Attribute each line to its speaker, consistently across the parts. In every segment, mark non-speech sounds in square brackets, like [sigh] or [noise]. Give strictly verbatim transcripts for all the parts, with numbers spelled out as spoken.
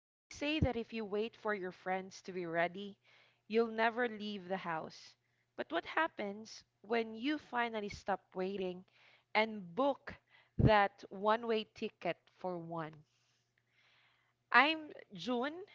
Speaker 1: They say that if you wait for your friends to be ready, you'll never leave the house. But what happens when you finally stop waiting and book that one way ticket for one? I'm June,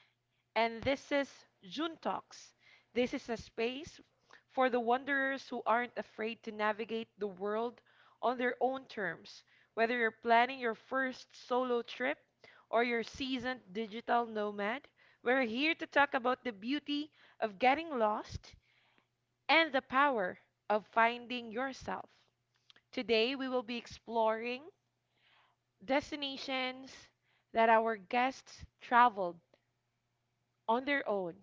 Speaker 1: and this is June Talks. This is a space for the wanderers who aren't afraid to navigate the world on their own terms, whether you're planning your first solo trip or you're seasoned digital nomad. We're here to talk about the beauty of getting lost and the power of finding yourself. Today, we will be exploring destinations that our guests traveled on their own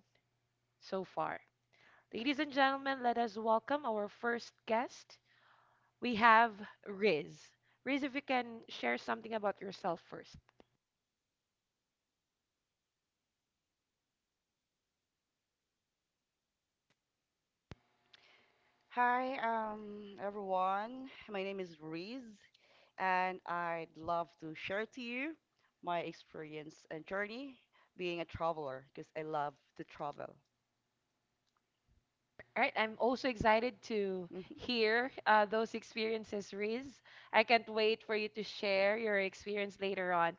Speaker 1: so far. Ladies and gentlemen, let us welcome our first guest. We have Riz. Riz, if you can share something about yourself first.
Speaker 2: Hi, um, everyone. My name is Riz, and I'd love to share to you my experience and journey being a traveler because I love to travel.
Speaker 1: All right, I'm also excited to
Speaker 2: [laughs] Mhm,
Speaker 1: hear uh, those experiences, Riz. I can't wait for you to share your experience later on.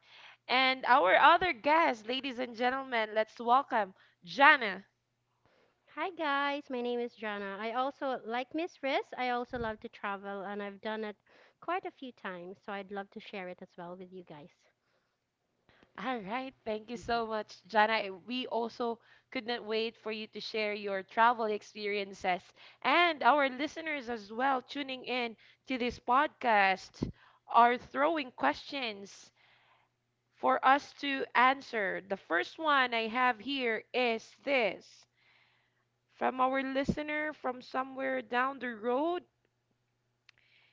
Speaker 1: And our
Speaker 2: mhm,
Speaker 1: other guest, ladies and gentlemen, let's welcome Jana.
Speaker 3: Hi guys, my name is Jana. I also, like Miss Riz, I also love to travel and I've done it quite a few times, so I'd love to share it as well with you guys.
Speaker 1: All right. Thank you
Speaker 2: mhm.
Speaker 1: so much, Jana. Eh, We also could not wait for you to share your travel experiences, and our listeners as well tuning in to this podcast are throwing questions for us to answer. The first one I have here is this from our listener from somewhere down the road.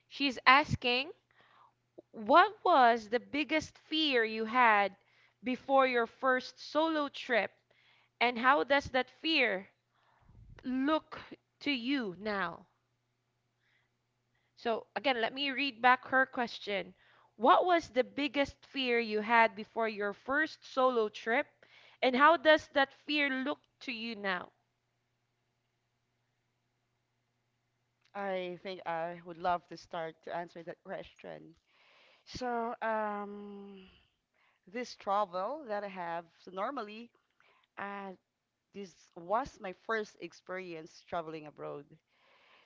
Speaker 1: She's asking, what was the biggest fear you had before your first solo trip? And how does that fear look to you now? So, again, let me read back her question. What was the biggest fear you had before your first solo trip? And how does that fear look to you now?
Speaker 2: I think I would love to start to answer that question. So, um, this travel that I have, so normally, uh, this was my first experience traveling abroad.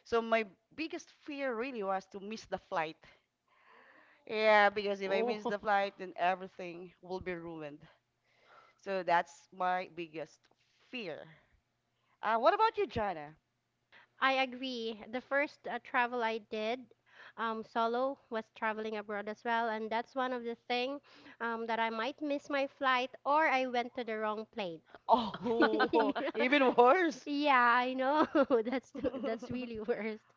Speaker 2: So my biggest fear really was to miss the flight. Yeah, because if I miss
Speaker 1: Oh.
Speaker 2: the flight, then everything will be ruined. So that's my biggest fear. Uh, what about you, Jana?
Speaker 3: I agree. The first uh, travel I did um, solo was traveling abroad as well, and that's one of the thing um, that I might miss my flight or I went to the wrong plane. [laughs]
Speaker 2: Oh, [laughs]
Speaker 1: [laughs]
Speaker 3: Yeah,
Speaker 2: even worse.
Speaker 3: yeah, I know. [laughs] That's the- that's
Speaker 2: [laughs]
Speaker 3: really worst.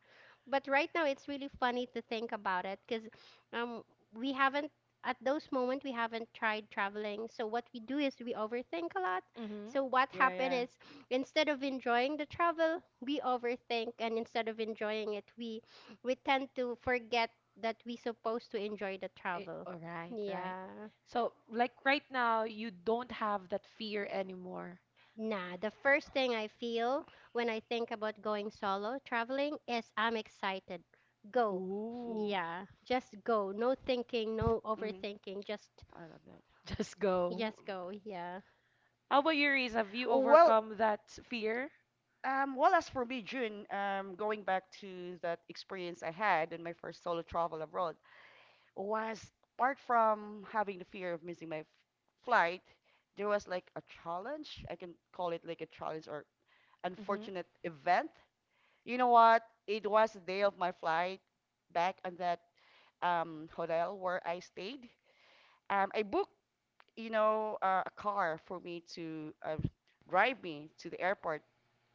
Speaker 3: But right now it's really funny to think about it because um we haven't, at those moment we haven't tried traveling. So what we do is we overthink a lot.
Speaker 1: Mhm.
Speaker 3: So what
Speaker 2: Yeah,
Speaker 3: happened
Speaker 2: yeah.
Speaker 3: is instead of enjoying the travel, we overthink, and instead of enjoying it, we we tend to forget that we supposed to enjoy the
Speaker 1: Eh,
Speaker 3: travel.
Speaker 1: All right, right.
Speaker 3: Yeah.
Speaker 1: So, like right now, you don't have that fear anymore.
Speaker 3: Nah, the first thing I feel when I think about going solo traveling is I'm excited. Go. [sighs]
Speaker 1: Ooh.
Speaker 2: Mm-hmm.
Speaker 3: Yeah, just go. No thinking, no
Speaker 2: Mm-hmm.
Speaker 3: overthinking. Just
Speaker 2: I love that.
Speaker 1: Just go.
Speaker 3: just go. Yeah.
Speaker 1: How about you, Reese? Have you
Speaker 2: Well,
Speaker 1: overcome that fear?
Speaker 2: Um, well, as for me, June, um, going back to that experience I had in my first solo travel abroad, was apart from having the fear of missing my f- flight, there was like a challenge. I can call it like a challenge or
Speaker 1: Mm-hmm.
Speaker 2: unfortunate event. You know what? It was the day of my flight back on that um, hotel where I stayed. Um, I booked, you know, uh, a car for me to uh, drive me to the airport.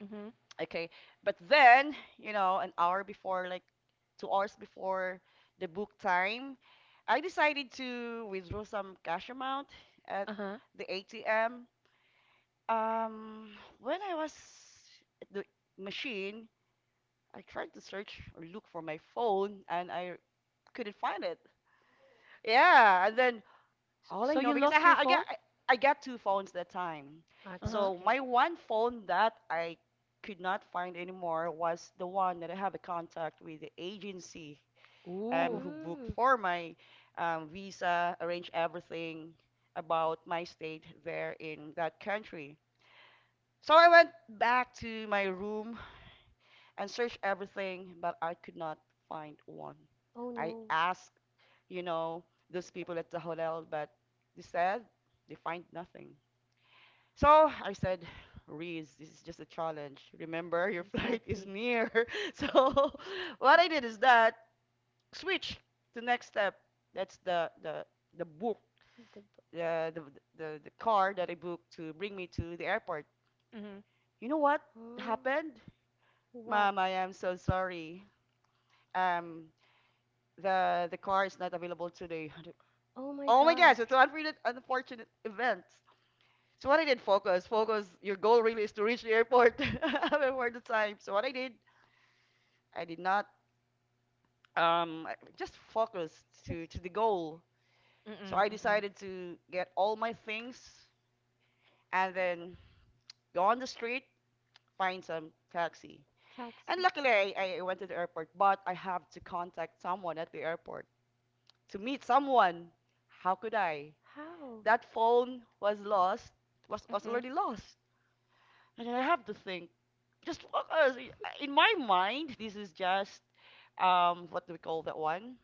Speaker 1: Mm-hmm.
Speaker 2: Okay. But then, you know, an hour before, like two hours before the book time, I decided to withdraw some cash amount at
Speaker 1: Uh-huh.
Speaker 2: the A T M. Um, when I was at the machine, I tried to search or look for my phone and I couldn't find it. Yeah, and then
Speaker 1: S-
Speaker 2: all I
Speaker 1: So
Speaker 2: know
Speaker 1: you
Speaker 2: because I
Speaker 1: lost your
Speaker 2: ha I
Speaker 1: phone?
Speaker 2: got I I got two phones that time.
Speaker 3: Ah,
Speaker 1: Uh-huh.
Speaker 3: that's
Speaker 2: So
Speaker 3: great.
Speaker 2: my one phone that I could not find anymore was the one that I have a contact with the agency um
Speaker 1: Ooh.
Speaker 2: who booked
Speaker 3: Mm.
Speaker 2: for my um, visa, arranged everything about my state there in that country. So I went back to my room and searched everything, but I could not find one.
Speaker 3: Oh
Speaker 2: I
Speaker 3: no.
Speaker 2: asked, you know, those people at the hotel, but they said they find nothing. So I said, Reese, this is just a challenge. Remember, your [laughs] flight is
Speaker 3: Exactly. [laughs]
Speaker 2: near. [laughs] So [laughs] what I did is that switch to next step. That's the the the book,
Speaker 3: The b-
Speaker 2: the the the, the car that I booked to bring me to the airport.
Speaker 1: Mm-hmm.
Speaker 2: You know what
Speaker 3: oh,
Speaker 2: happened?
Speaker 3: what?
Speaker 2: Mom, I am so sorry. Um, the the car is not available today.
Speaker 3: Oh my
Speaker 2: Oh my gosh, it's
Speaker 3: gosh.
Speaker 2: an unfortunate, unfortunate event. So what I did, focus, focus. Your goal really is to reach the airport [laughs] before the time. So what I did, I did not um I just focused to
Speaker 3: Just
Speaker 2: to the goal. So
Speaker 1: Mm-mm.
Speaker 2: I
Speaker 1: Mm-mm.
Speaker 2: decided to get all my things and then go on the street, find some taxi.
Speaker 3: taxi.
Speaker 2: And luckily, I, I went to the airport, but I have to contact someone at the airport to meet someone. How could I?
Speaker 3: How?
Speaker 2: That phone was lost, was was
Speaker 1: Mm-hmm.
Speaker 2: already lost. And I have to think, just focus. In my mind, this is just um what do we call that one?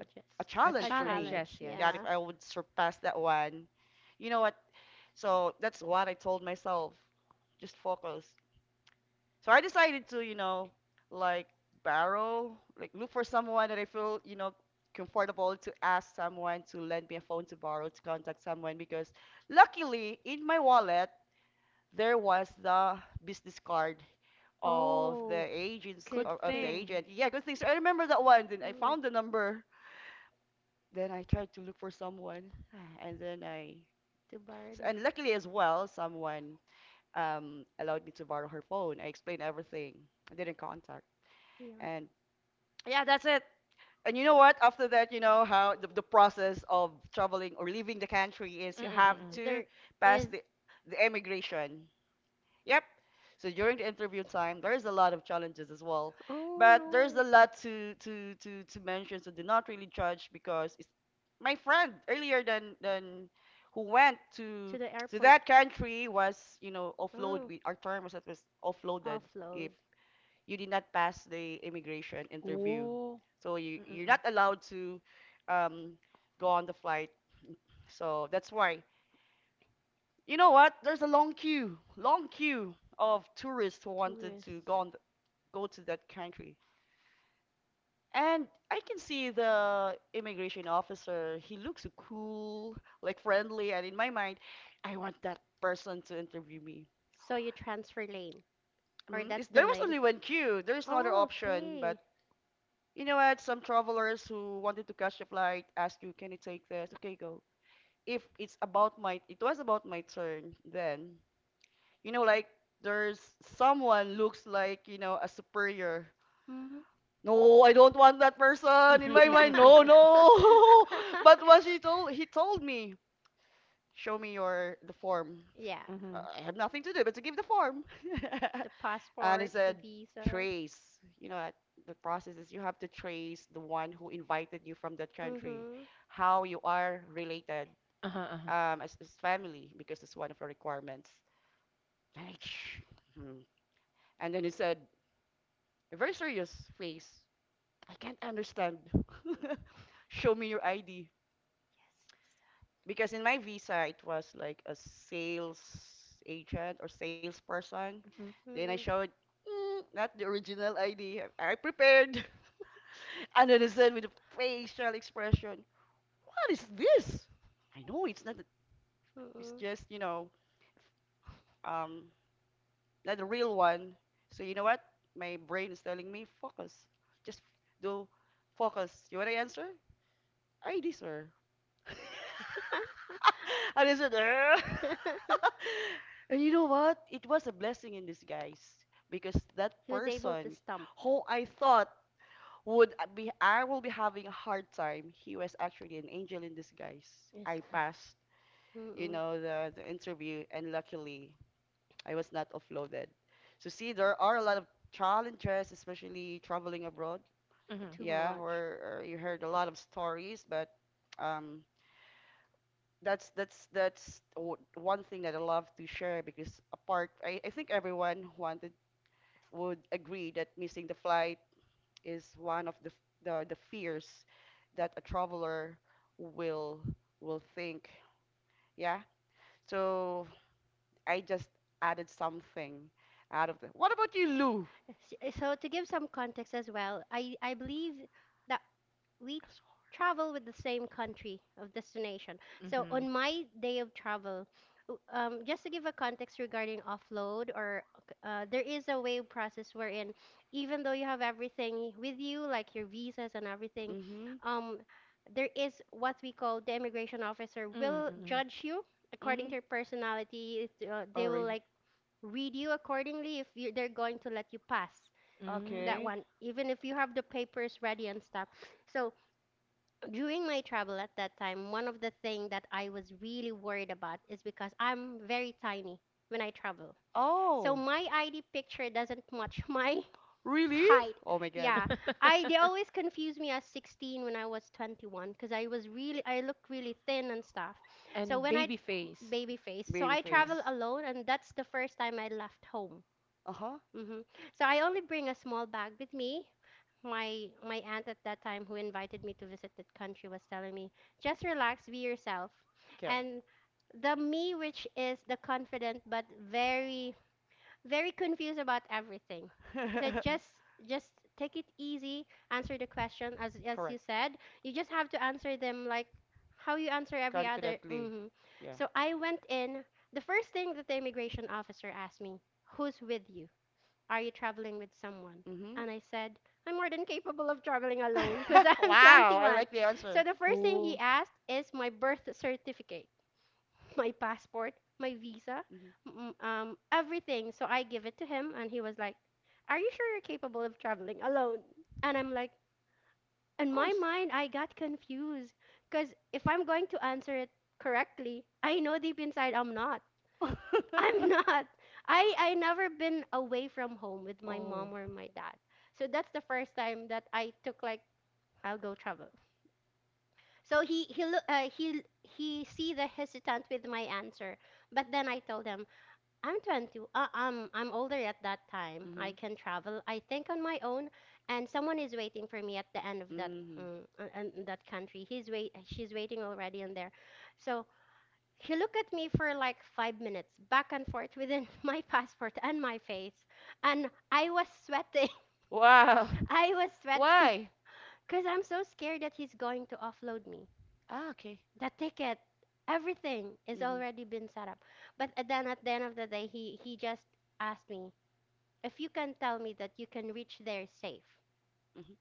Speaker 2: A, a
Speaker 1: A
Speaker 3: A
Speaker 2: challenge for
Speaker 1: challenge,
Speaker 2: me.
Speaker 3: challenge,
Speaker 1: yes, yes.
Speaker 2: That
Speaker 3: yeah.
Speaker 2: if I would surpass that one, you know what? So that's what I told myself. Just focus. So I decided to, you know, like borrow, like look for someone that I feel, you know, comfortable to ask someone to lend me a phone to borrow to contact someone because luckily in my wallet there was the business card of the
Speaker 3: Oh,
Speaker 2: agents
Speaker 3: good
Speaker 1: Good
Speaker 2: of, of the
Speaker 3: thing.
Speaker 1: thing.
Speaker 2: agent. Yeah, good things. I remember that one. Then I
Speaker 3: Mm,
Speaker 2: found the number. Then I tried to look for someone, [sighs] and then I
Speaker 3: to borrow
Speaker 2: s-
Speaker 3: the. F-
Speaker 2: and luckily as well, someone um allowed me to borrow her phone. I explained everything. I didn't contact,
Speaker 3: yeah.
Speaker 2: and yeah, that's it. And you know what? After that, you know how the, the process of traveling or leaving the country is. You have
Speaker 1: Mm-mm-mm.
Speaker 2: to
Speaker 3: There
Speaker 2: pass
Speaker 3: is.
Speaker 2: the the immigration. Yep. So during the interview time, there's a lot of challenges as well,
Speaker 3: Oh
Speaker 2: but
Speaker 3: no.
Speaker 2: there's a lot to to to to mention. So do not really judge because it's my friend earlier than than who went
Speaker 3: To
Speaker 2: to
Speaker 3: the
Speaker 2: to
Speaker 3: airport.
Speaker 2: that country was you know offload.
Speaker 3: Oh,
Speaker 2: We our term was that was offloaded
Speaker 3: offload.
Speaker 2: if you did not pass the immigration interview.
Speaker 1: Oh.
Speaker 2: So you you're
Speaker 1: Mm-mm.
Speaker 2: not allowed to um, go on the flight. So that's why. You know what? There's a long queue, long queue of tourists who wanted
Speaker 3: Tourists.
Speaker 2: to go on th- go to that country. And I can see the immigration officer. He looks so cool, like friendly, and in my mind, I want that person to interview me.
Speaker 3: So you transfer lane. Or
Speaker 2: Mm,
Speaker 3: that's
Speaker 2: is,
Speaker 3: the
Speaker 2: there was
Speaker 3: lane.
Speaker 2: only one queue. There's no other
Speaker 3: Oh,
Speaker 2: option.
Speaker 3: okay.
Speaker 2: But you know what? Some travelers who wanted to catch the flight ask you, "Can you take this?" Okay, go. If it's about my, It was about my turn then. you know, like there's someone looks like, you know, a superior.
Speaker 3: Mm-hmm.
Speaker 2: No, I don't want that
Speaker 1: [laughs]
Speaker 2: person in my mind. No,
Speaker 1: mm-hmm.
Speaker 3: [laughs]
Speaker 2: no. [laughs] But what he told he told me, show me your the form.
Speaker 3: Yeah.
Speaker 2: Uh, I have nothing to do but to give the form. [laughs]
Speaker 3: The
Speaker 2: And he
Speaker 3: passport, the
Speaker 2: said,
Speaker 3: visa.
Speaker 2: trace. You know, what the process is you have to trace the one who invited you from that country, how you are related
Speaker 1: Uh-huh, uh-huh.
Speaker 2: um, as, as family, because it's one of the requirements. Like, [sniffs] hmm. And then he said, a very serious face. I can't understand. [laughs] Show me your I D.
Speaker 3: Yes,
Speaker 2: Because in my visa, it was like a sales agent or salesperson.
Speaker 1: Mhm.
Speaker 2: Then I showed, mm, not the original I D. I prepared. [laughs] And then I said [laughs] with a facial expression, what is this? I know it's not, a, it's just, you know, um, not the real one. So you know what? My brain is telling me, focus. Just do focus. You want to answer? I D, sir. [laughs] and I said, "Eh." [laughs] and you know what? It was a blessing in disguise because that
Speaker 3: [laughs]
Speaker 2: person
Speaker 3: stump.
Speaker 2: who I thought would be, I will be having a hard time, he was actually an angel in disguise. I passed, you know, the, the interview, and luckily I was not offloaded. So see, there are a lot of challenges, especially traveling abroad.
Speaker 1: Mhm.
Speaker 3: Too.
Speaker 2: Yeah, where uh, you heard a lot of stories, but um, that's that's that's o- one thing that I love to share because apart, I, I think everyone wanted would agree that missing the flight is one of the f- the, the fears that a traveler will will think. Yeah. So I just added something out of the. What about you, Lou?
Speaker 3: S- So to give some context as well, I, I believe that we travel with the same country of destination. So
Speaker 1: Mhm.
Speaker 3: on my day of travel, w- um, just to give a context regarding offload, or uh, there is a way process wherein even though you have everything with you, like your visas and everything,
Speaker 2: Mm-hmm.
Speaker 3: um, there is what we call the immigration officer will
Speaker 1: Mm-mm.
Speaker 3: judge you according
Speaker 2: Mm-hmm.
Speaker 3: to your personality. It, uh,
Speaker 2: Oh,
Speaker 3: they will
Speaker 2: really?
Speaker 3: like read you accordingly if you, they're going to let you pass
Speaker 1: Mm.
Speaker 3: that
Speaker 2: Okay.
Speaker 3: one even if you have the papers ready and stuff. So during my travel at that time, one of the thing that I was really worried about is because I'm very tiny when I travel, so
Speaker 2: Oh,
Speaker 3: my ID picture doesn't match my [laughs]
Speaker 2: really?
Speaker 3: height.
Speaker 2: Oh my God.
Speaker 3: Yeah, I they always confuse me as 16 when I was 21 because I was really, I looked really thin and stuff.
Speaker 1: [laughs]
Speaker 3: So
Speaker 1: and
Speaker 3: when I
Speaker 1: baby face.
Speaker 3: Baby face. So
Speaker 2: Baby
Speaker 3: I
Speaker 1: Uh.
Speaker 2: face.
Speaker 3: travel alone, and that's the first time I left home.
Speaker 2: Uh-huh.
Speaker 3: Hmm. So I only bring a small bag with me. My my aunt at that time who invited me to visit that country was telling me, just relax, be yourself.
Speaker 2: Correct.
Speaker 3: And the me which is the confident but very very confused about everything. I said
Speaker 2: [laughs]
Speaker 3: just just take it easy, answer the question as as you
Speaker 2: Correct.
Speaker 3: said. You just have to answer them like how you answer every other.
Speaker 2: Confidently.
Speaker 3: Hmm.
Speaker 2: Yeah.
Speaker 3: So I went in. The first thing that the immigration officer asked me, who's with you? Are you traveling with someone?
Speaker 2: Mm-hmm.
Speaker 3: And I said, I'm more than capable of traveling alone because
Speaker 2: [laughs]
Speaker 3: [laughs] I'm
Speaker 2: Why I
Speaker 3: 21.
Speaker 2: like the
Speaker 3: So
Speaker 2: answer?
Speaker 3: the first thing he
Speaker 1: Oh.
Speaker 3: asked is my birth certificate, [laughs] my passport, my visa,
Speaker 2: Hmm.
Speaker 3: m- um, everything. So I give it to him, and he was like, are you sure you're capable of traveling alone? And I'm like,
Speaker 2: Of
Speaker 3: in my
Speaker 2: course.
Speaker 3: mind, I got confused because if I'm going to answer it correctly, I know deep inside I'm not. I'm
Speaker 2: [laughs]
Speaker 3: not. I I never been away from home with my
Speaker 2: Oh.
Speaker 3: mom or my dad. So that's the first time that I took like I'll go travel. So he he look uh, he he see the hesitant with my answer, but then I told him I'm 20. Uh, I'm I'm older at that time. I
Speaker 2: Mhm.
Speaker 3: can travel. I think on my own, and someone is waiting for me at the end of that
Speaker 2: Mhm.
Speaker 3: mm, uh, uh, that country. He's wait She's waiting already in there. So he looked at me for like five minutes, back and forth within [laughs] my passport and my face. And I was sweating.
Speaker 2: Wow.
Speaker 3: [laughs] I was
Speaker 2: [laughs]
Speaker 3: sweating
Speaker 2: Why?
Speaker 3: because I'm so scared that he's going to offload me.
Speaker 2: Ah, okay.
Speaker 3: The ticket, everything is
Speaker 2: Mhm.
Speaker 3: already been set up. But a- then at the end of the day, he, he just asked me, if you can tell me that you can reach there safe,
Speaker 2: Mhm.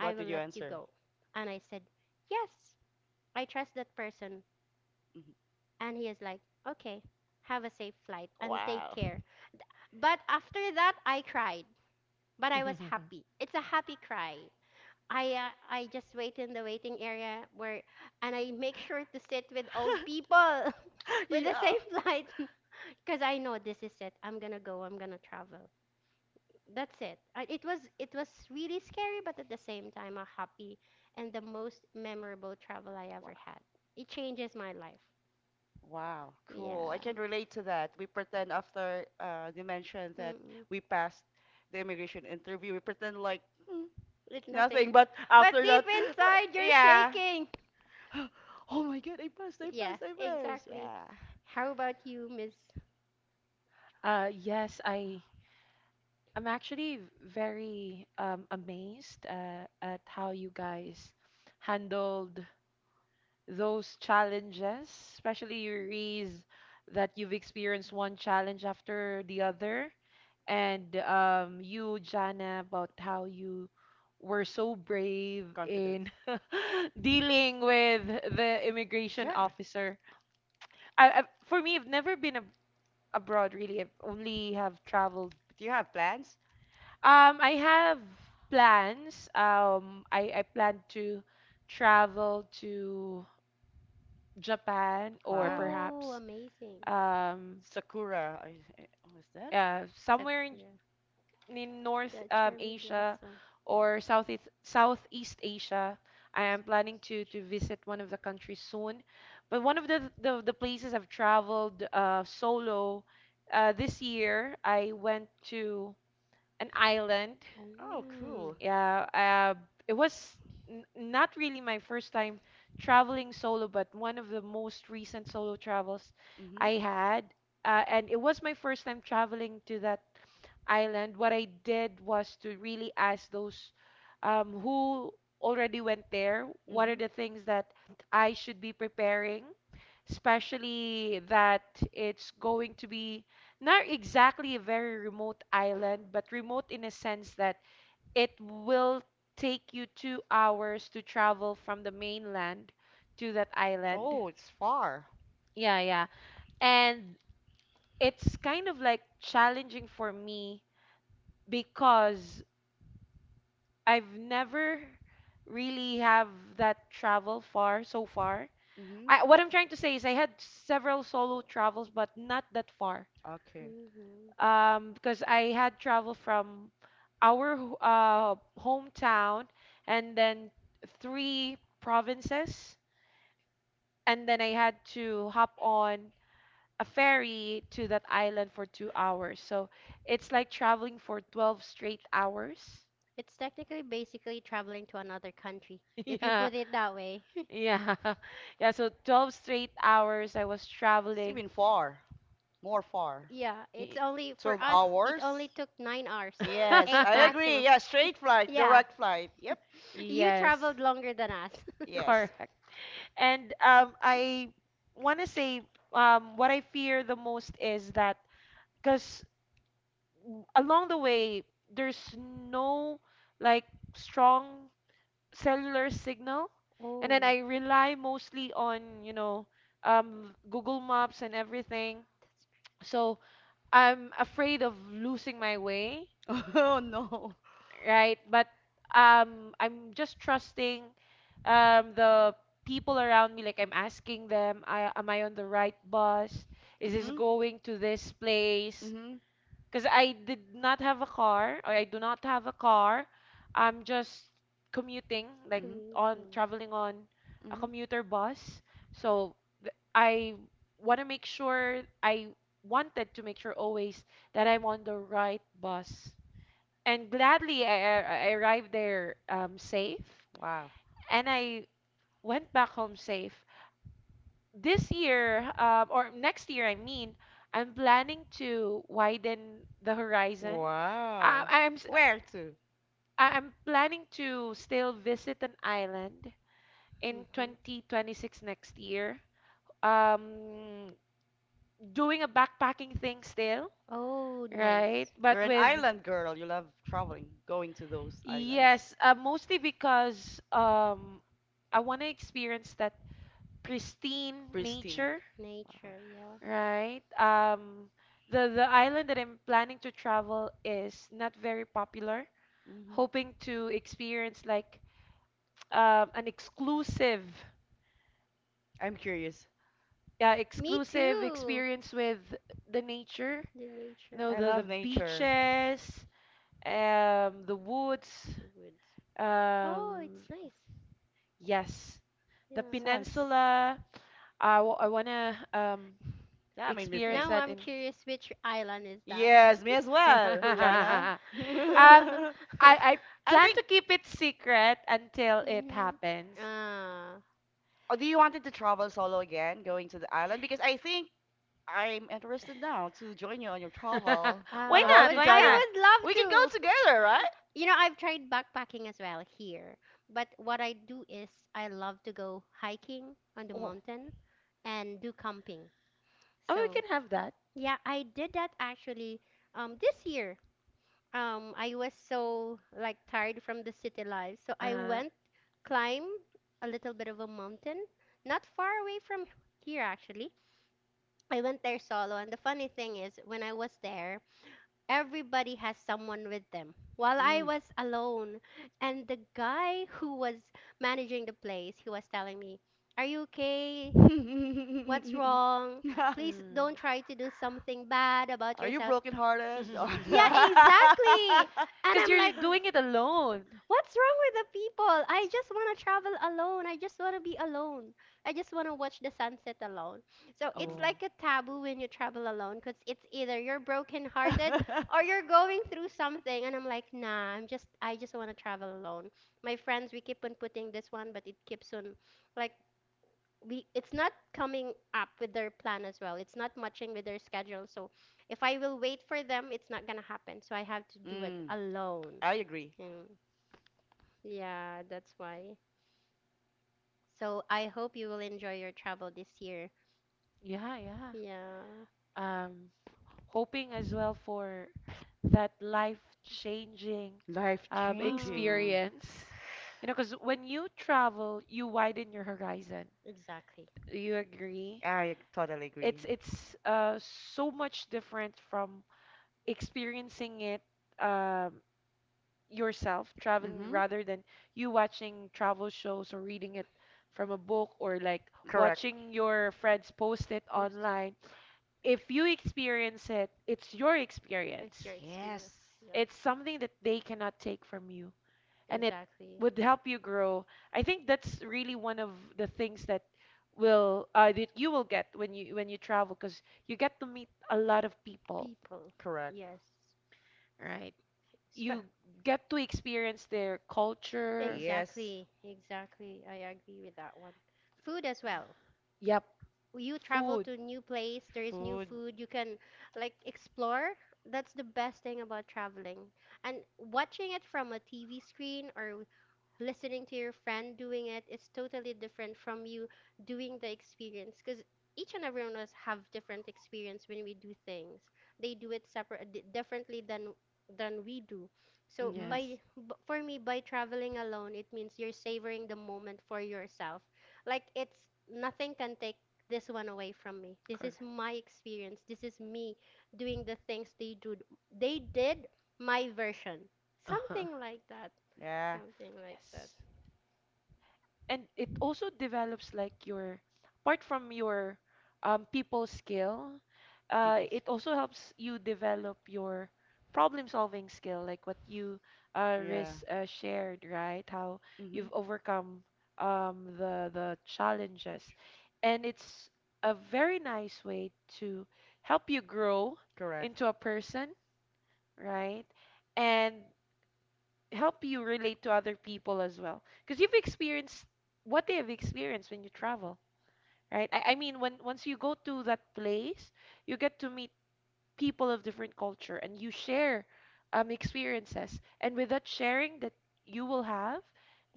Speaker 3: I will
Speaker 2: did you
Speaker 3: let you
Speaker 2: answer?
Speaker 3: go. And I said, yes, I trust that person.
Speaker 2: Mhm.
Speaker 3: And he is like, okay, have a safe flight and take
Speaker 2: Wow.
Speaker 3: care. But after that, I cried, but I was
Speaker 1: [laughs]
Speaker 3: happy. It's a happy cry. I uh, I just wait in the waiting area where, and I make sure to sit with old
Speaker 2: [laughs]
Speaker 3: people [laughs] with the
Speaker 2: Yeah.
Speaker 3: same flight. [laughs] Because I know this is it. I'm gonna go. I'm gonna travel. That's it. I, it was it was really scary, but at the same time, a happy and the most memorable travel I
Speaker 2: Wow.
Speaker 3: ever had. It changes my life.
Speaker 2: Wow. Cool. I
Speaker 3: Yeah.
Speaker 2: can relate to that. We pretend after uh, they mentioned that
Speaker 3: Mm-mm.
Speaker 2: we passed the immigration interview, we pretend like, "Hmm,
Speaker 3: It's nothing.
Speaker 2: nothing." But
Speaker 3: But
Speaker 2: after
Speaker 3: deep
Speaker 2: that,
Speaker 3: inside,
Speaker 2: [sighs] [gasps]
Speaker 3: you're
Speaker 2: yeah.
Speaker 3: shaking.
Speaker 2: [gasps] Oh my God, I passed, I
Speaker 3: Yeah,
Speaker 2: passed, I passed.
Speaker 3: exactly.
Speaker 2: Yeah.
Speaker 3: How about you, Miss?
Speaker 1: Uh, yes, I I'm actually very um, amazed uh, at how you guys handled those challenges, especially you raise that you've experienced one challenge after the other. And um, you, Jana, about how you were so brave
Speaker 2: Confident.
Speaker 1: in [laughs] dealing with the immigration
Speaker 2: Yeah.
Speaker 1: officer. I, I, for me, I've never been ab abroad really. I've only have traveled.
Speaker 2: Do you have plans?
Speaker 1: Um, I have plans. Um, I, I plan to travel to Japan, or
Speaker 2: Wow.
Speaker 3: Oh,
Speaker 1: perhaps
Speaker 3: amazing.
Speaker 1: um,
Speaker 2: Sakura. I, I, was that?
Speaker 1: uh, somewhere in,
Speaker 3: Sakura.
Speaker 1: in North
Speaker 3: The
Speaker 1: um,
Speaker 3: cherry
Speaker 1: Asia,
Speaker 3: blossom.
Speaker 1: or Southeast Southeast Asia. I am planning to to visit one of the countries soon, but one of the the, the places I've traveled uh, solo uh, this year, I went to an island.
Speaker 2: Oh,
Speaker 3: Oh.
Speaker 2: cool.
Speaker 1: Yeah, uh, it was n not really my first time traveling solo, but one of the most recent solo travels
Speaker 2: Mm-hmm.
Speaker 1: I had. Uh, and it was my first time traveling to that island. What I did was to really ask those um, who already went there, what are
Speaker 2: Mm-hmm.
Speaker 1: the things that I should be preparing, especially that it's going to be not exactly a very remote island, but remote in a sense that it will take you two hours to travel from the mainland to that island.
Speaker 2: Oh, it's far.
Speaker 1: Yeah, yeah. And it's kind of like challenging for me because I've never really have that travel far so far.
Speaker 2: Mm-hmm.
Speaker 1: I, what I'm trying to say is I had several solo travels, but not that far.
Speaker 2: Okay.
Speaker 3: Hmm.
Speaker 1: Um, because I had travel from our ho- uh, hometown and then three provinces, and then I had to hop on a ferry to that island for two hours. So it's like traveling for twelve straight hours.
Speaker 3: It's technically basically traveling to another country,
Speaker 1: [laughs]
Speaker 3: if you
Speaker 1: Yeah,
Speaker 3: put it that way. [laughs]
Speaker 1: yeah, [laughs] yeah. So twelve straight hours I was
Speaker 2: It's
Speaker 1: traveling.
Speaker 2: even far. More far.
Speaker 3: Yeah, it's
Speaker 1: Y-
Speaker 3: only for
Speaker 2: twelve
Speaker 3: us, it
Speaker 2: hours?
Speaker 3: only took nine hours,
Speaker 2: Yes,
Speaker 3: eight
Speaker 2: I
Speaker 1: [laughs]
Speaker 2: agree.
Speaker 3: maximum.
Speaker 2: Yeah, straight
Speaker 3: [laughs]
Speaker 2: flight,
Speaker 3: Yeah,
Speaker 2: direct flight. Yep.
Speaker 3: you
Speaker 1: Yes,
Speaker 3: traveled longer than us.
Speaker 2: Yes.
Speaker 1: correct. And um, I want to say um, what I fear the most is that because along the way, there's no like strong cellular signal,
Speaker 3: Oh,
Speaker 1: and then
Speaker 3: that's
Speaker 1: I rely mostly on, you know, um Google Maps and everything. So I'm afraid of losing my way,
Speaker 2: [laughs] Oh no.
Speaker 1: right? But um I'm just trusting um the people around me, like I'm asking them, I, am I on the right bus? Is this
Speaker 2: Mhm.
Speaker 1: going to this place?
Speaker 2: Mhm.
Speaker 1: Because I did not have a car, or I do not have a car. I'm just commuting, like
Speaker 2: Mhm.
Speaker 1: on
Speaker 3: commuting.
Speaker 1: traveling on a
Speaker 2: Mhm.
Speaker 1: commuter bus. So th- I want to make sure, I wanted to make sure always that I'm on the right bus. And gladly, I, I I arrived there um, safe,
Speaker 2: Wow.
Speaker 1: and I went back home safe this year. Um, or next year, I mean, I'm planning to widen the
Speaker 3: That.
Speaker 1: horizon. I,
Speaker 2: Wow.
Speaker 1: I'm s-
Speaker 2: Where to?
Speaker 1: I- I'm planning to still visit an island in
Speaker 3: Hmm.
Speaker 1: twenty twenty-six next year. Um, Doing a backpacking thing still,
Speaker 3: Oh,
Speaker 1: right?
Speaker 3: nice.
Speaker 2: You're
Speaker 1: But
Speaker 2: an
Speaker 1: with
Speaker 2: island girl. You love traveling, going to those islands.
Speaker 1: yes, uh, mostly because um, I want to experience that pristine
Speaker 2: Pristine.
Speaker 1: nature,
Speaker 2: Wow.
Speaker 3: Nature, yeah.
Speaker 1: right? Um, the the island that I'm planning to travel is not very popular.
Speaker 2: Hmm.
Speaker 1: Hoping to experience like um, an exclusive,
Speaker 2: I'm curious.
Speaker 1: yeah,
Speaker 3: Me
Speaker 1: exclusive
Speaker 3: too.
Speaker 1: experience with the nature.
Speaker 3: The
Speaker 1: You know,
Speaker 3: nature,
Speaker 2: I
Speaker 1: the
Speaker 2: love
Speaker 1: the
Speaker 2: nature.
Speaker 1: beaches, um, the woods.
Speaker 3: the woods. Oh, it's
Speaker 1: Um,
Speaker 3: nice.
Speaker 1: yes, the
Speaker 3: Yeah.
Speaker 2: Sounds.
Speaker 1: peninsula. I w I wanna um
Speaker 2: That made me
Speaker 1: experience
Speaker 2: think.
Speaker 3: Now
Speaker 1: that
Speaker 3: I'm
Speaker 1: in.
Speaker 3: curious which island is that?
Speaker 2: Yes, me as well, Jana.
Speaker 1: [laughs]
Speaker 2: [laughs]
Speaker 1: Um, I
Speaker 2: I
Speaker 1: I plan
Speaker 2: think.
Speaker 1: to keep it secret until it
Speaker 3: Mhm.
Speaker 1: happens.
Speaker 3: [laughs] Ah,
Speaker 2: Oh, do you wanted to travel solo again, going to the island? Because I think I'm interested now to join you on your travel.
Speaker 1: [laughs] Why
Speaker 2: What
Speaker 3: ah, I
Speaker 2: about
Speaker 1: not?
Speaker 3: would,
Speaker 2: you,
Speaker 1: Why not?
Speaker 2: Jana?
Speaker 3: I would
Speaker 2: We can
Speaker 3: love
Speaker 2: go
Speaker 3: to.
Speaker 2: together, right?
Speaker 3: You know, I've tried backpacking as well here, but what I do is I love to go hiking on the
Speaker 2: Oh.
Speaker 3: mountain and do camping.
Speaker 1: Oh, we
Speaker 3: So,
Speaker 1: can have that.
Speaker 3: [laughs] yeah, I did that actually um this year. um I was so like tired from the city life. So I
Speaker 1: Uh,
Speaker 3: went climb a little bit of a mountain, not far away from here actually. I went there solo, and the funny thing is when I was there, everybody has someone with them. While I
Speaker 2: Mm.
Speaker 3: was alone, and the guy who was managing the place, he was telling me, "Are you okay?
Speaker 2: [laughs]
Speaker 3: What's wrong? Please
Speaker 1: mm.
Speaker 3: don't try to do something bad about
Speaker 2: Are you
Speaker 3: yourself."
Speaker 2: brokenhearted? Or
Speaker 3: Yeah,
Speaker 1: [laughs]
Speaker 2: [laughs]
Speaker 3: exactly. And
Speaker 1: Because
Speaker 3: I'm
Speaker 1: you're
Speaker 3: like,
Speaker 1: doing it alone.
Speaker 3: what's wrong with the people? I just want to travel alone. I just want to be alone. I just want to watch the sunset alone. So it's
Speaker 1: Oh. Well.
Speaker 3: like a taboo when you travel alone because it's either you're brokenhearted
Speaker 2: uh-huh.
Speaker 3: or you're going through something. And I'm like, nah, I'm just, I just want to travel alone. My friends, we keep on putting this one, but it keeps on like we it's not coming up with their plan as well. It's not matching with their schedule. So if I will wait for them, it's not gonna happen. So I have to
Speaker 2: [laughs]
Speaker 3: do it
Speaker 2: mm,
Speaker 3: alone.
Speaker 2: I agree.
Speaker 3: Mm. Yeah, that's why. So I hope you will enjoy your travel this year.
Speaker 1: Yeah, yeah.
Speaker 3: Yeah.
Speaker 1: Um, Hoping as well for that life-changing
Speaker 2: Life
Speaker 1: um,
Speaker 3: Oh,
Speaker 2: changing.
Speaker 1: experience. You know, because when you travel, you widen your horizon.
Speaker 3: exactly.
Speaker 1: Do you agree?
Speaker 2: I totally
Speaker 1: It's
Speaker 2: agree.
Speaker 1: it's uh, so much different from experiencing it um, yourself traveling,
Speaker 2: Mm-hmm.
Speaker 1: rather than you watching travel shows or reading it from a book, or like
Speaker 2: Correct.
Speaker 1: watching your friends post it
Speaker 3: Post.
Speaker 1: online. If you experience it, it's your
Speaker 3: It's your
Speaker 1: experience.
Speaker 2: Yes.
Speaker 3: experience. Yeah.
Speaker 1: It's something that they cannot take from you, and it
Speaker 3: Exactly.
Speaker 1: would help you grow. I think that's really one of the things that will uh, that you will get when you when you travel, because you get to meet a lot of people,
Speaker 3: People. People.
Speaker 2: Correct.
Speaker 3: Yes.
Speaker 1: right?
Speaker 3: Spe-
Speaker 1: You
Speaker 3: You
Speaker 1: get to experience their culture.
Speaker 2: Yes.
Speaker 3: exactly. Exactly. I agree with that one. Food as well.
Speaker 1: Yep.
Speaker 3: You travel
Speaker 1: Food.
Speaker 3: to new place, there is new
Speaker 2: Food.
Speaker 3: food, you can like explore. That's the best thing about traveling. And watching it from a T V screen or listening to your friend doing it is totally different from you doing the experience, because each and every one of us have different experience when we do things. They do it separate di- differently than than we do. So
Speaker 2: Mm-hmm.
Speaker 1: Yes,
Speaker 3: by b- for me, by traveling alone, it means you're savoring the moment for yourself. Like it's nothing can take this one away from me. This
Speaker 1: correct.
Speaker 3: is my
Speaker 1: [laughs]
Speaker 3: experience, this is me doing the things they do, they did, my version,
Speaker 1: Uh-huh.
Speaker 3: something like that,
Speaker 2: Yeah.
Speaker 3: something like that.
Speaker 1: Yes. And it also develops like your, apart from your um, people skill, uh,
Speaker 2: People.
Speaker 1: it also helps you develop your problem solving skill, like what you, uh,
Speaker 2: Yeah.
Speaker 1: Riz, uh, shared, right, how
Speaker 2: Mm-hmm.
Speaker 1: you've overcome um, the the challenges. And it's a very nice way to help you grow
Speaker 2: Correct.
Speaker 1: into a person, right, and help you relate to other people as well, because you've experienced what they have experienced when you travel, right? I, I mean, when once you go to that place, you get to meet people of different culture, and you share um experiences. And with that sharing that you will have,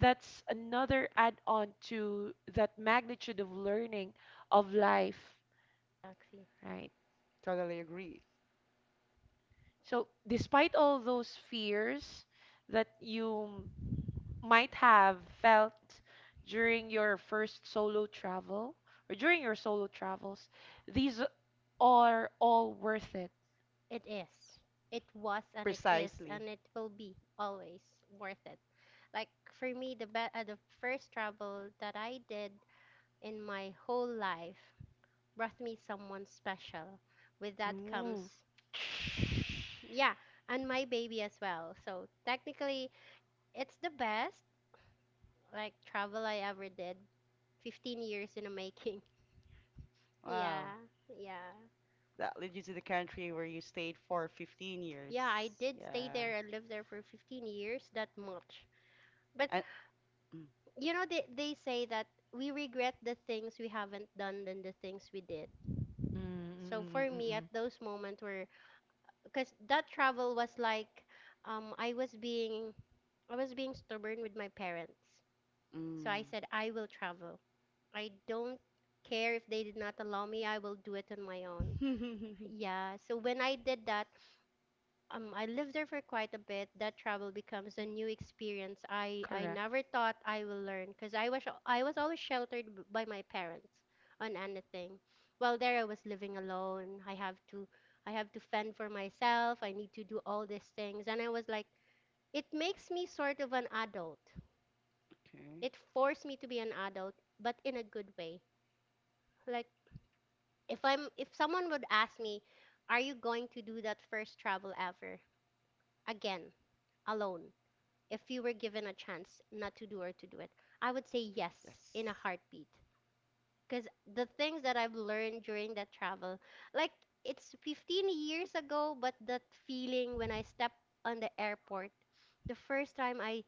Speaker 1: that's another add-on to that magnitude of learning of life,
Speaker 3: Actually,
Speaker 1: right?
Speaker 2: Totally agree.
Speaker 1: So despite all those fears that you might have felt during your first solo travel or during your solo travels, these are all worth it.
Speaker 3: it is. It was, and it is,
Speaker 2: Precisely.
Speaker 3: and it will be always worth it. Like for me, the be- uh, the first travel that I did in my whole life brought me someone special. With that comes,
Speaker 1: Ooh.
Speaker 3: yeah, and my baby as well. So technically, it's the best like travel I ever did. 15 years in the making. [laughs]
Speaker 2: Wow.
Speaker 3: Yeah, yeah.
Speaker 2: That led you to the country where you stayed for fifteen years.
Speaker 3: Yeah, I did stay
Speaker 2: Yeah.
Speaker 3: there. And lived there for 15 years, that much. But
Speaker 2: And,
Speaker 3: you know, they, they say that we regret the things we haven't done than the things we did.
Speaker 1: Mm, mm,
Speaker 3: So
Speaker 1: mm,
Speaker 3: for
Speaker 1: mm, mm.
Speaker 3: me, at
Speaker 1: Mm.
Speaker 3: those moments where, because that travel was like, um, I was being, I was being stubborn with my parents. So I
Speaker 2: mm,
Speaker 3: said, I will travel. I don't care if they did not allow me, I will do it on my own.
Speaker 2: mm. [laughs]
Speaker 3: Yeah, so when I did that, um, I lived there for quite a bit. That travel becomes a new experience I, I
Speaker 1: Correct.
Speaker 3: never thought I will learn because I was I was always sheltered b- by my parents on anything. While there I was living alone. I have to I have to fend for myself. I need to do all these things, and I was like, it makes me sort of an adult.
Speaker 2: Okay.
Speaker 3: It forced me to be an adult, but in a good way. Like if I'm, if someone would ask me, are you going to do that first travel ever again? Alone, if you were given a chance not to do or to do it, I would say yes
Speaker 2: Yes.
Speaker 3: in a heartbeat. Because the things that I've learned during that travel, like it's 15 years ago, but that feeling when I step on the airport, the first time I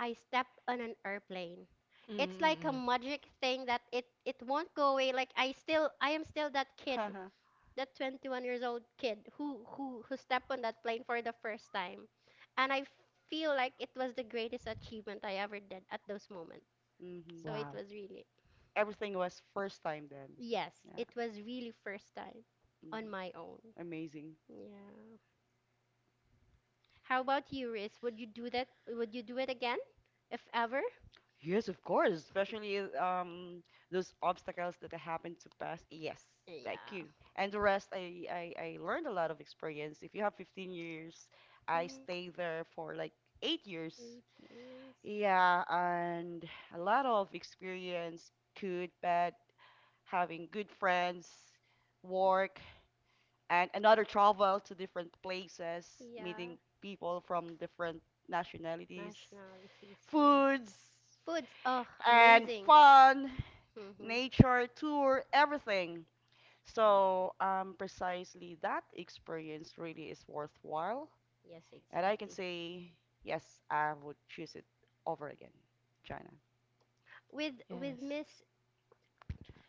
Speaker 3: I step on an airplane,
Speaker 1: Mm,
Speaker 3: it's
Speaker 1: mm,
Speaker 3: like a
Speaker 1: mm. Mm.
Speaker 3: magic thing that it it won't go away. Like I still, I am still that kid,
Speaker 2: Haha.
Speaker 3: that 21 years old kid who who who stepped on that plane for the first time, and I feel like it was the greatest achievement I ever did at those moments.
Speaker 2: Mhm.
Speaker 3: So it
Speaker 1: Wow.
Speaker 3: was really,
Speaker 2: Everything was first time then.
Speaker 3: yes,
Speaker 2: Yeah.
Speaker 3: it was really first time
Speaker 2: Hmm.
Speaker 3: on my own.
Speaker 2: Amazing.
Speaker 3: Yeah. How about you, Riz, would you do that, would you do it again if ever?
Speaker 2: Yes, of course. Especially um those obstacles that I happened to pass. Yes, thank
Speaker 3: Yeah.
Speaker 2: you. And the rest, I, I I learned a lot of experience. If you have fifteen years, I
Speaker 3: Mm,
Speaker 2: stayed there for like eight years.
Speaker 3: eight years.
Speaker 2: Yeah, and a lot of experience, good, bad, having good friends, work, and another travel to different places,
Speaker 3: Yeah.
Speaker 2: meeting people from different nationalities,
Speaker 3: Nationalities, yes.
Speaker 2: foods,
Speaker 3: Foods, oh,
Speaker 2: and
Speaker 3: amazing.
Speaker 2: fun,
Speaker 3: Hmm.
Speaker 2: nature, tour, everything. So, um, precisely that experience really is worthwhile.
Speaker 3: Yes,
Speaker 2: And I can
Speaker 3: exactly.
Speaker 2: say, yes, I would choose it over again. China.
Speaker 3: With with
Speaker 1: Yes.
Speaker 3: Miss,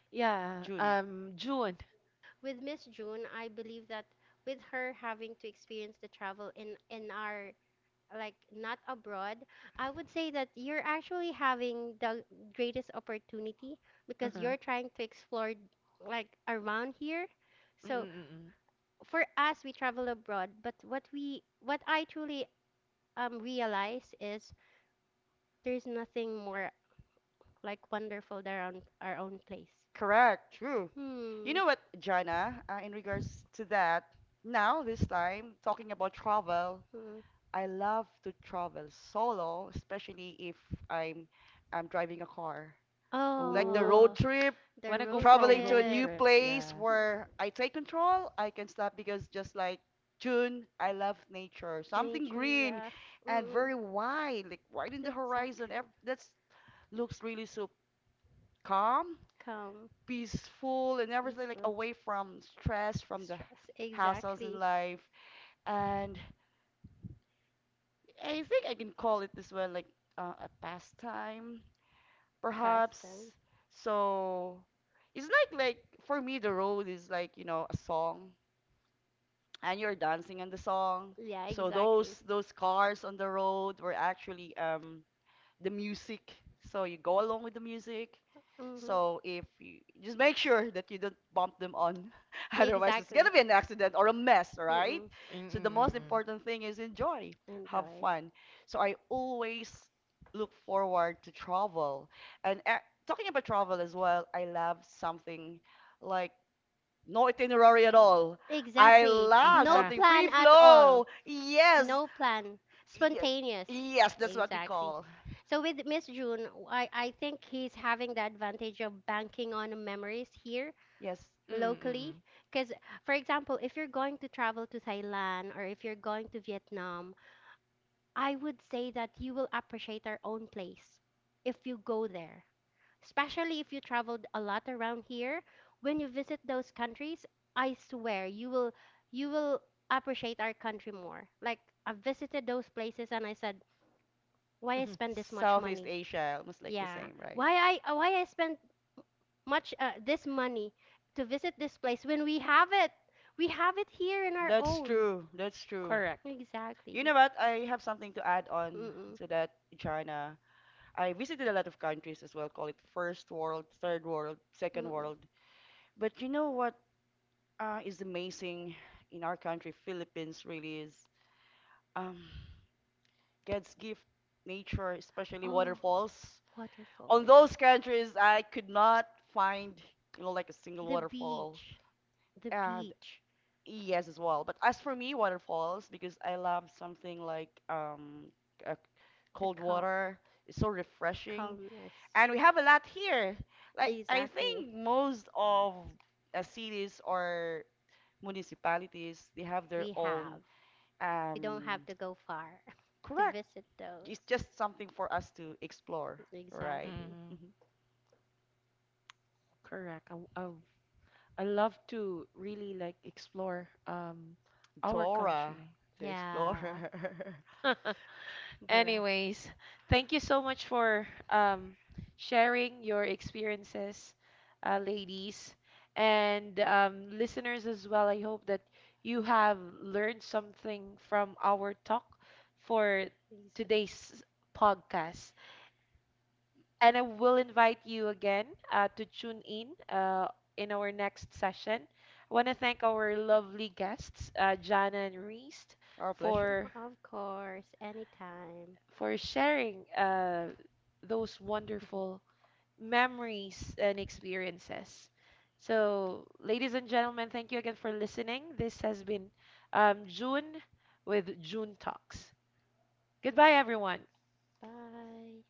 Speaker 1: Yeah,
Speaker 2: June.
Speaker 1: um, June.
Speaker 3: with Miss June, I believe that with her having to experience the travel in in our like not abroad, I would say that you're actually having the greatest opportunity because
Speaker 1: Uh-huh.
Speaker 3: you're trying to explore like around here. So
Speaker 1: Mm-mm-mm.
Speaker 3: for us we travel abroad, but what we, what I truly um realize is there's nothing more like wonderful than our own, our own place.
Speaker 2: Correct. True. You
Speaker 3: Hmm.
Speaker 2: know what, Jana, uh, in regards to that, now this time talking about travel,
Speaker 3: Hmm.
Speaker 2: I love to travel solo, especially if I'm I'm driving a car. Like the
Speaker 1: Oh,
Speaker 2: road
Speaker 3: Oh,
Speaker 2: trip,
Speaker 3: the
Speaker 1: wanna go
Speaker 3: road
Speaker 1: for a
Speaker 2: traveling to a
Speaker 1: road
Speaker 2: new
Speaker 3: trip.
Speaker 1: trip?
Speaker 2: place
Speaker 1: Yeah.
Speaker 2: where I take control, I can stop because just like June, I love nature, something
Speaker 3: Nature,
Speaker 2: green
Speaker 3: yeah.
Speaker 2: and
Speaker 3: Mm-mm.
Speaker 2: very wide, like wide in the horizon.
Speaker 3: Exactly.
Speaker 2: Ev- That's looks really so calm,
Speaker 3: Calm,
Speaker 2: peaceful and everything, like
Speaker 3: peaceful,
Speaker 2: away from stress, from the
Speaker 3: stress.
Speaker 2: hassles in
Speaker 3: Exactly.
Speaker 2: life. And I think I can call it this well, like uh, a pastime,
Speaker 3: Pastime.
Speaker 2: perhaps. So it's like like for me, the road is like you know a song, and you're dancing on the song.
Speaker 3: Yeah,
Speaker 2: So
Speaker 3: exactly.
Speaker 2: those those cars on the road were actually um the music. So you go along with the music.
Speaker 3: Hmm.
Speaker 2: So if you just make sure that you don't bump them on, [laughs] otherwise it's
Speaker 3: Exactly.
Speaker 2: gonna be an accident or a mess, right?
Speaker 3: Mm-mm.
Speaker 2: So the most
Speaker 1: Mm-mm-mm.
Speaker 2: important thing is enjoy, have
Speaker 3: Enjoy.
Speaker 2: fun. So I always look forward to travel. And uh, talking about travel as well, I love something like no itinerary at all. I
Speaker 3: Exactly.
Speaker 2: love
Speaker 3: No
Speaker 1: Uh-huh.
Speaker 2: something
Speaker 3: plan
Speaker 2: free
Speaker 3: at all.
Speaker 2: flow. Yes,
Speaker 3: No plan.
Speaker 2: yes,
Speaker 3: Spontaneous.
Speaker 2: yes. That's what we
Speaker 3: Exactly.
Speaker 2: call
Speaker 3: So with Miss June, I, I think he's having the advantage of banking on memories here
Speaker 2: yes.
Speaker 3: locally,
Speaker 1: Mm-mm-mm.
Speaker 3: because for example if you're going to travel to Thailand or if you're going to Vietnam, I would say that you will appreciate our own place if you go there, especially if you traveled a lot around here. When you visit those countries, I swear you will, you will appreciate our country more. Like I visited those places and I said, why I
Speaker 1: Mhm.
Speaker 3: spend this much
Speaker 2: Southeast
Speaker 3: money,
Speaker 2: Asia, almost like the
Speaker 3: yeah,
Speaker 2: same, right?
Speaker 3: why i uh, why I spend much uh, this money to visit this place when we have it. We have it here in our
Speaker 2: That's
Speaker 3: own.
Speaker 2: true. That's true.
Speaker 1: Correct.
Speaker 2: You
Speaker 3: Exactly.
Speaker 2: know what? I have something to add on
Speaker 3: Mm-mm.
Speaker 2: to that, China. I visited a lot of countries as well, call it first world, third world, second
Speaker 3: Mm-mm.
Speaker 2: world. But you know what uh, is amazing in our country, Philippines really is um, God's gift, nature, especially
Speaker 3: Oh,
Speaker 2: waterfalls. On
Speaker 3: waterfall.
Speaker 2: those countries, I could not find, you know, like a single
Speaker 3: The
Speaker 2: waterfall.
Speaker 3: beach. The
Speaker 2: And
Speaker 3: beach.
Speaker 2: yes, as well. But as for me, waterfalls, because I love something like um,
Speaker 3: The
Speaker 2: cold
Speaker 3: calm.
Speaker 2: water is so
Speaker 3: The
Speaker 2: refreshing.
Speaker 3: calmness.
Speaker 2: And we have a lot here. Like I
Speaker 3: Exactly.
Speaker 2: think most of uh, cities or municipalities, they have their
Speaker 3: We
Speaker 2: own.
Speaker 3: have. You don't have
Speaker 2: um
Speaker 3: to go far [laughs] to
Speaker 2: correct.
Speaker 3: visit those.
Speaker 2: It's just something for us to explore, right?
Speaker 3: Exactly.
Speaker 1: Mm-hmm.
Speaker 2: Hmm.
Speaker 1: Correct. I, I, I love to really like explore um our
Speaker 2: Torah
Speaker 1: country.
Speaker 2: to explore.
Speaker 3: Yeah.
Speaker 1: Right. [laughs]
Speaker 3: Bruh.
Speaker 1: Anyways, thank you so much for um, sharing your experiences, uh, ladies, and um, listeners as well. I hope that you have learned something from our talk for
Speaker 3: Exa-
Speaker 1: today's podcast. And I will invite you again, uh, to tune in, uh, in our next session. I want to thank our lovely guests, uh, Jana and Reese,
Speaker 2: [laughs] Our pleasure.
Speaker 1: for
Speaker 3: Of course, anytime.
Speaker 1: for sharing uh, those
Speaker 3: [laughs]
Speaker 1: wonderful memories and experiences. So, ladies and gentlemen, thank you again for listening. This has been um, June with June Talks. Goodbye, everyone.
Speaker 3: Bye.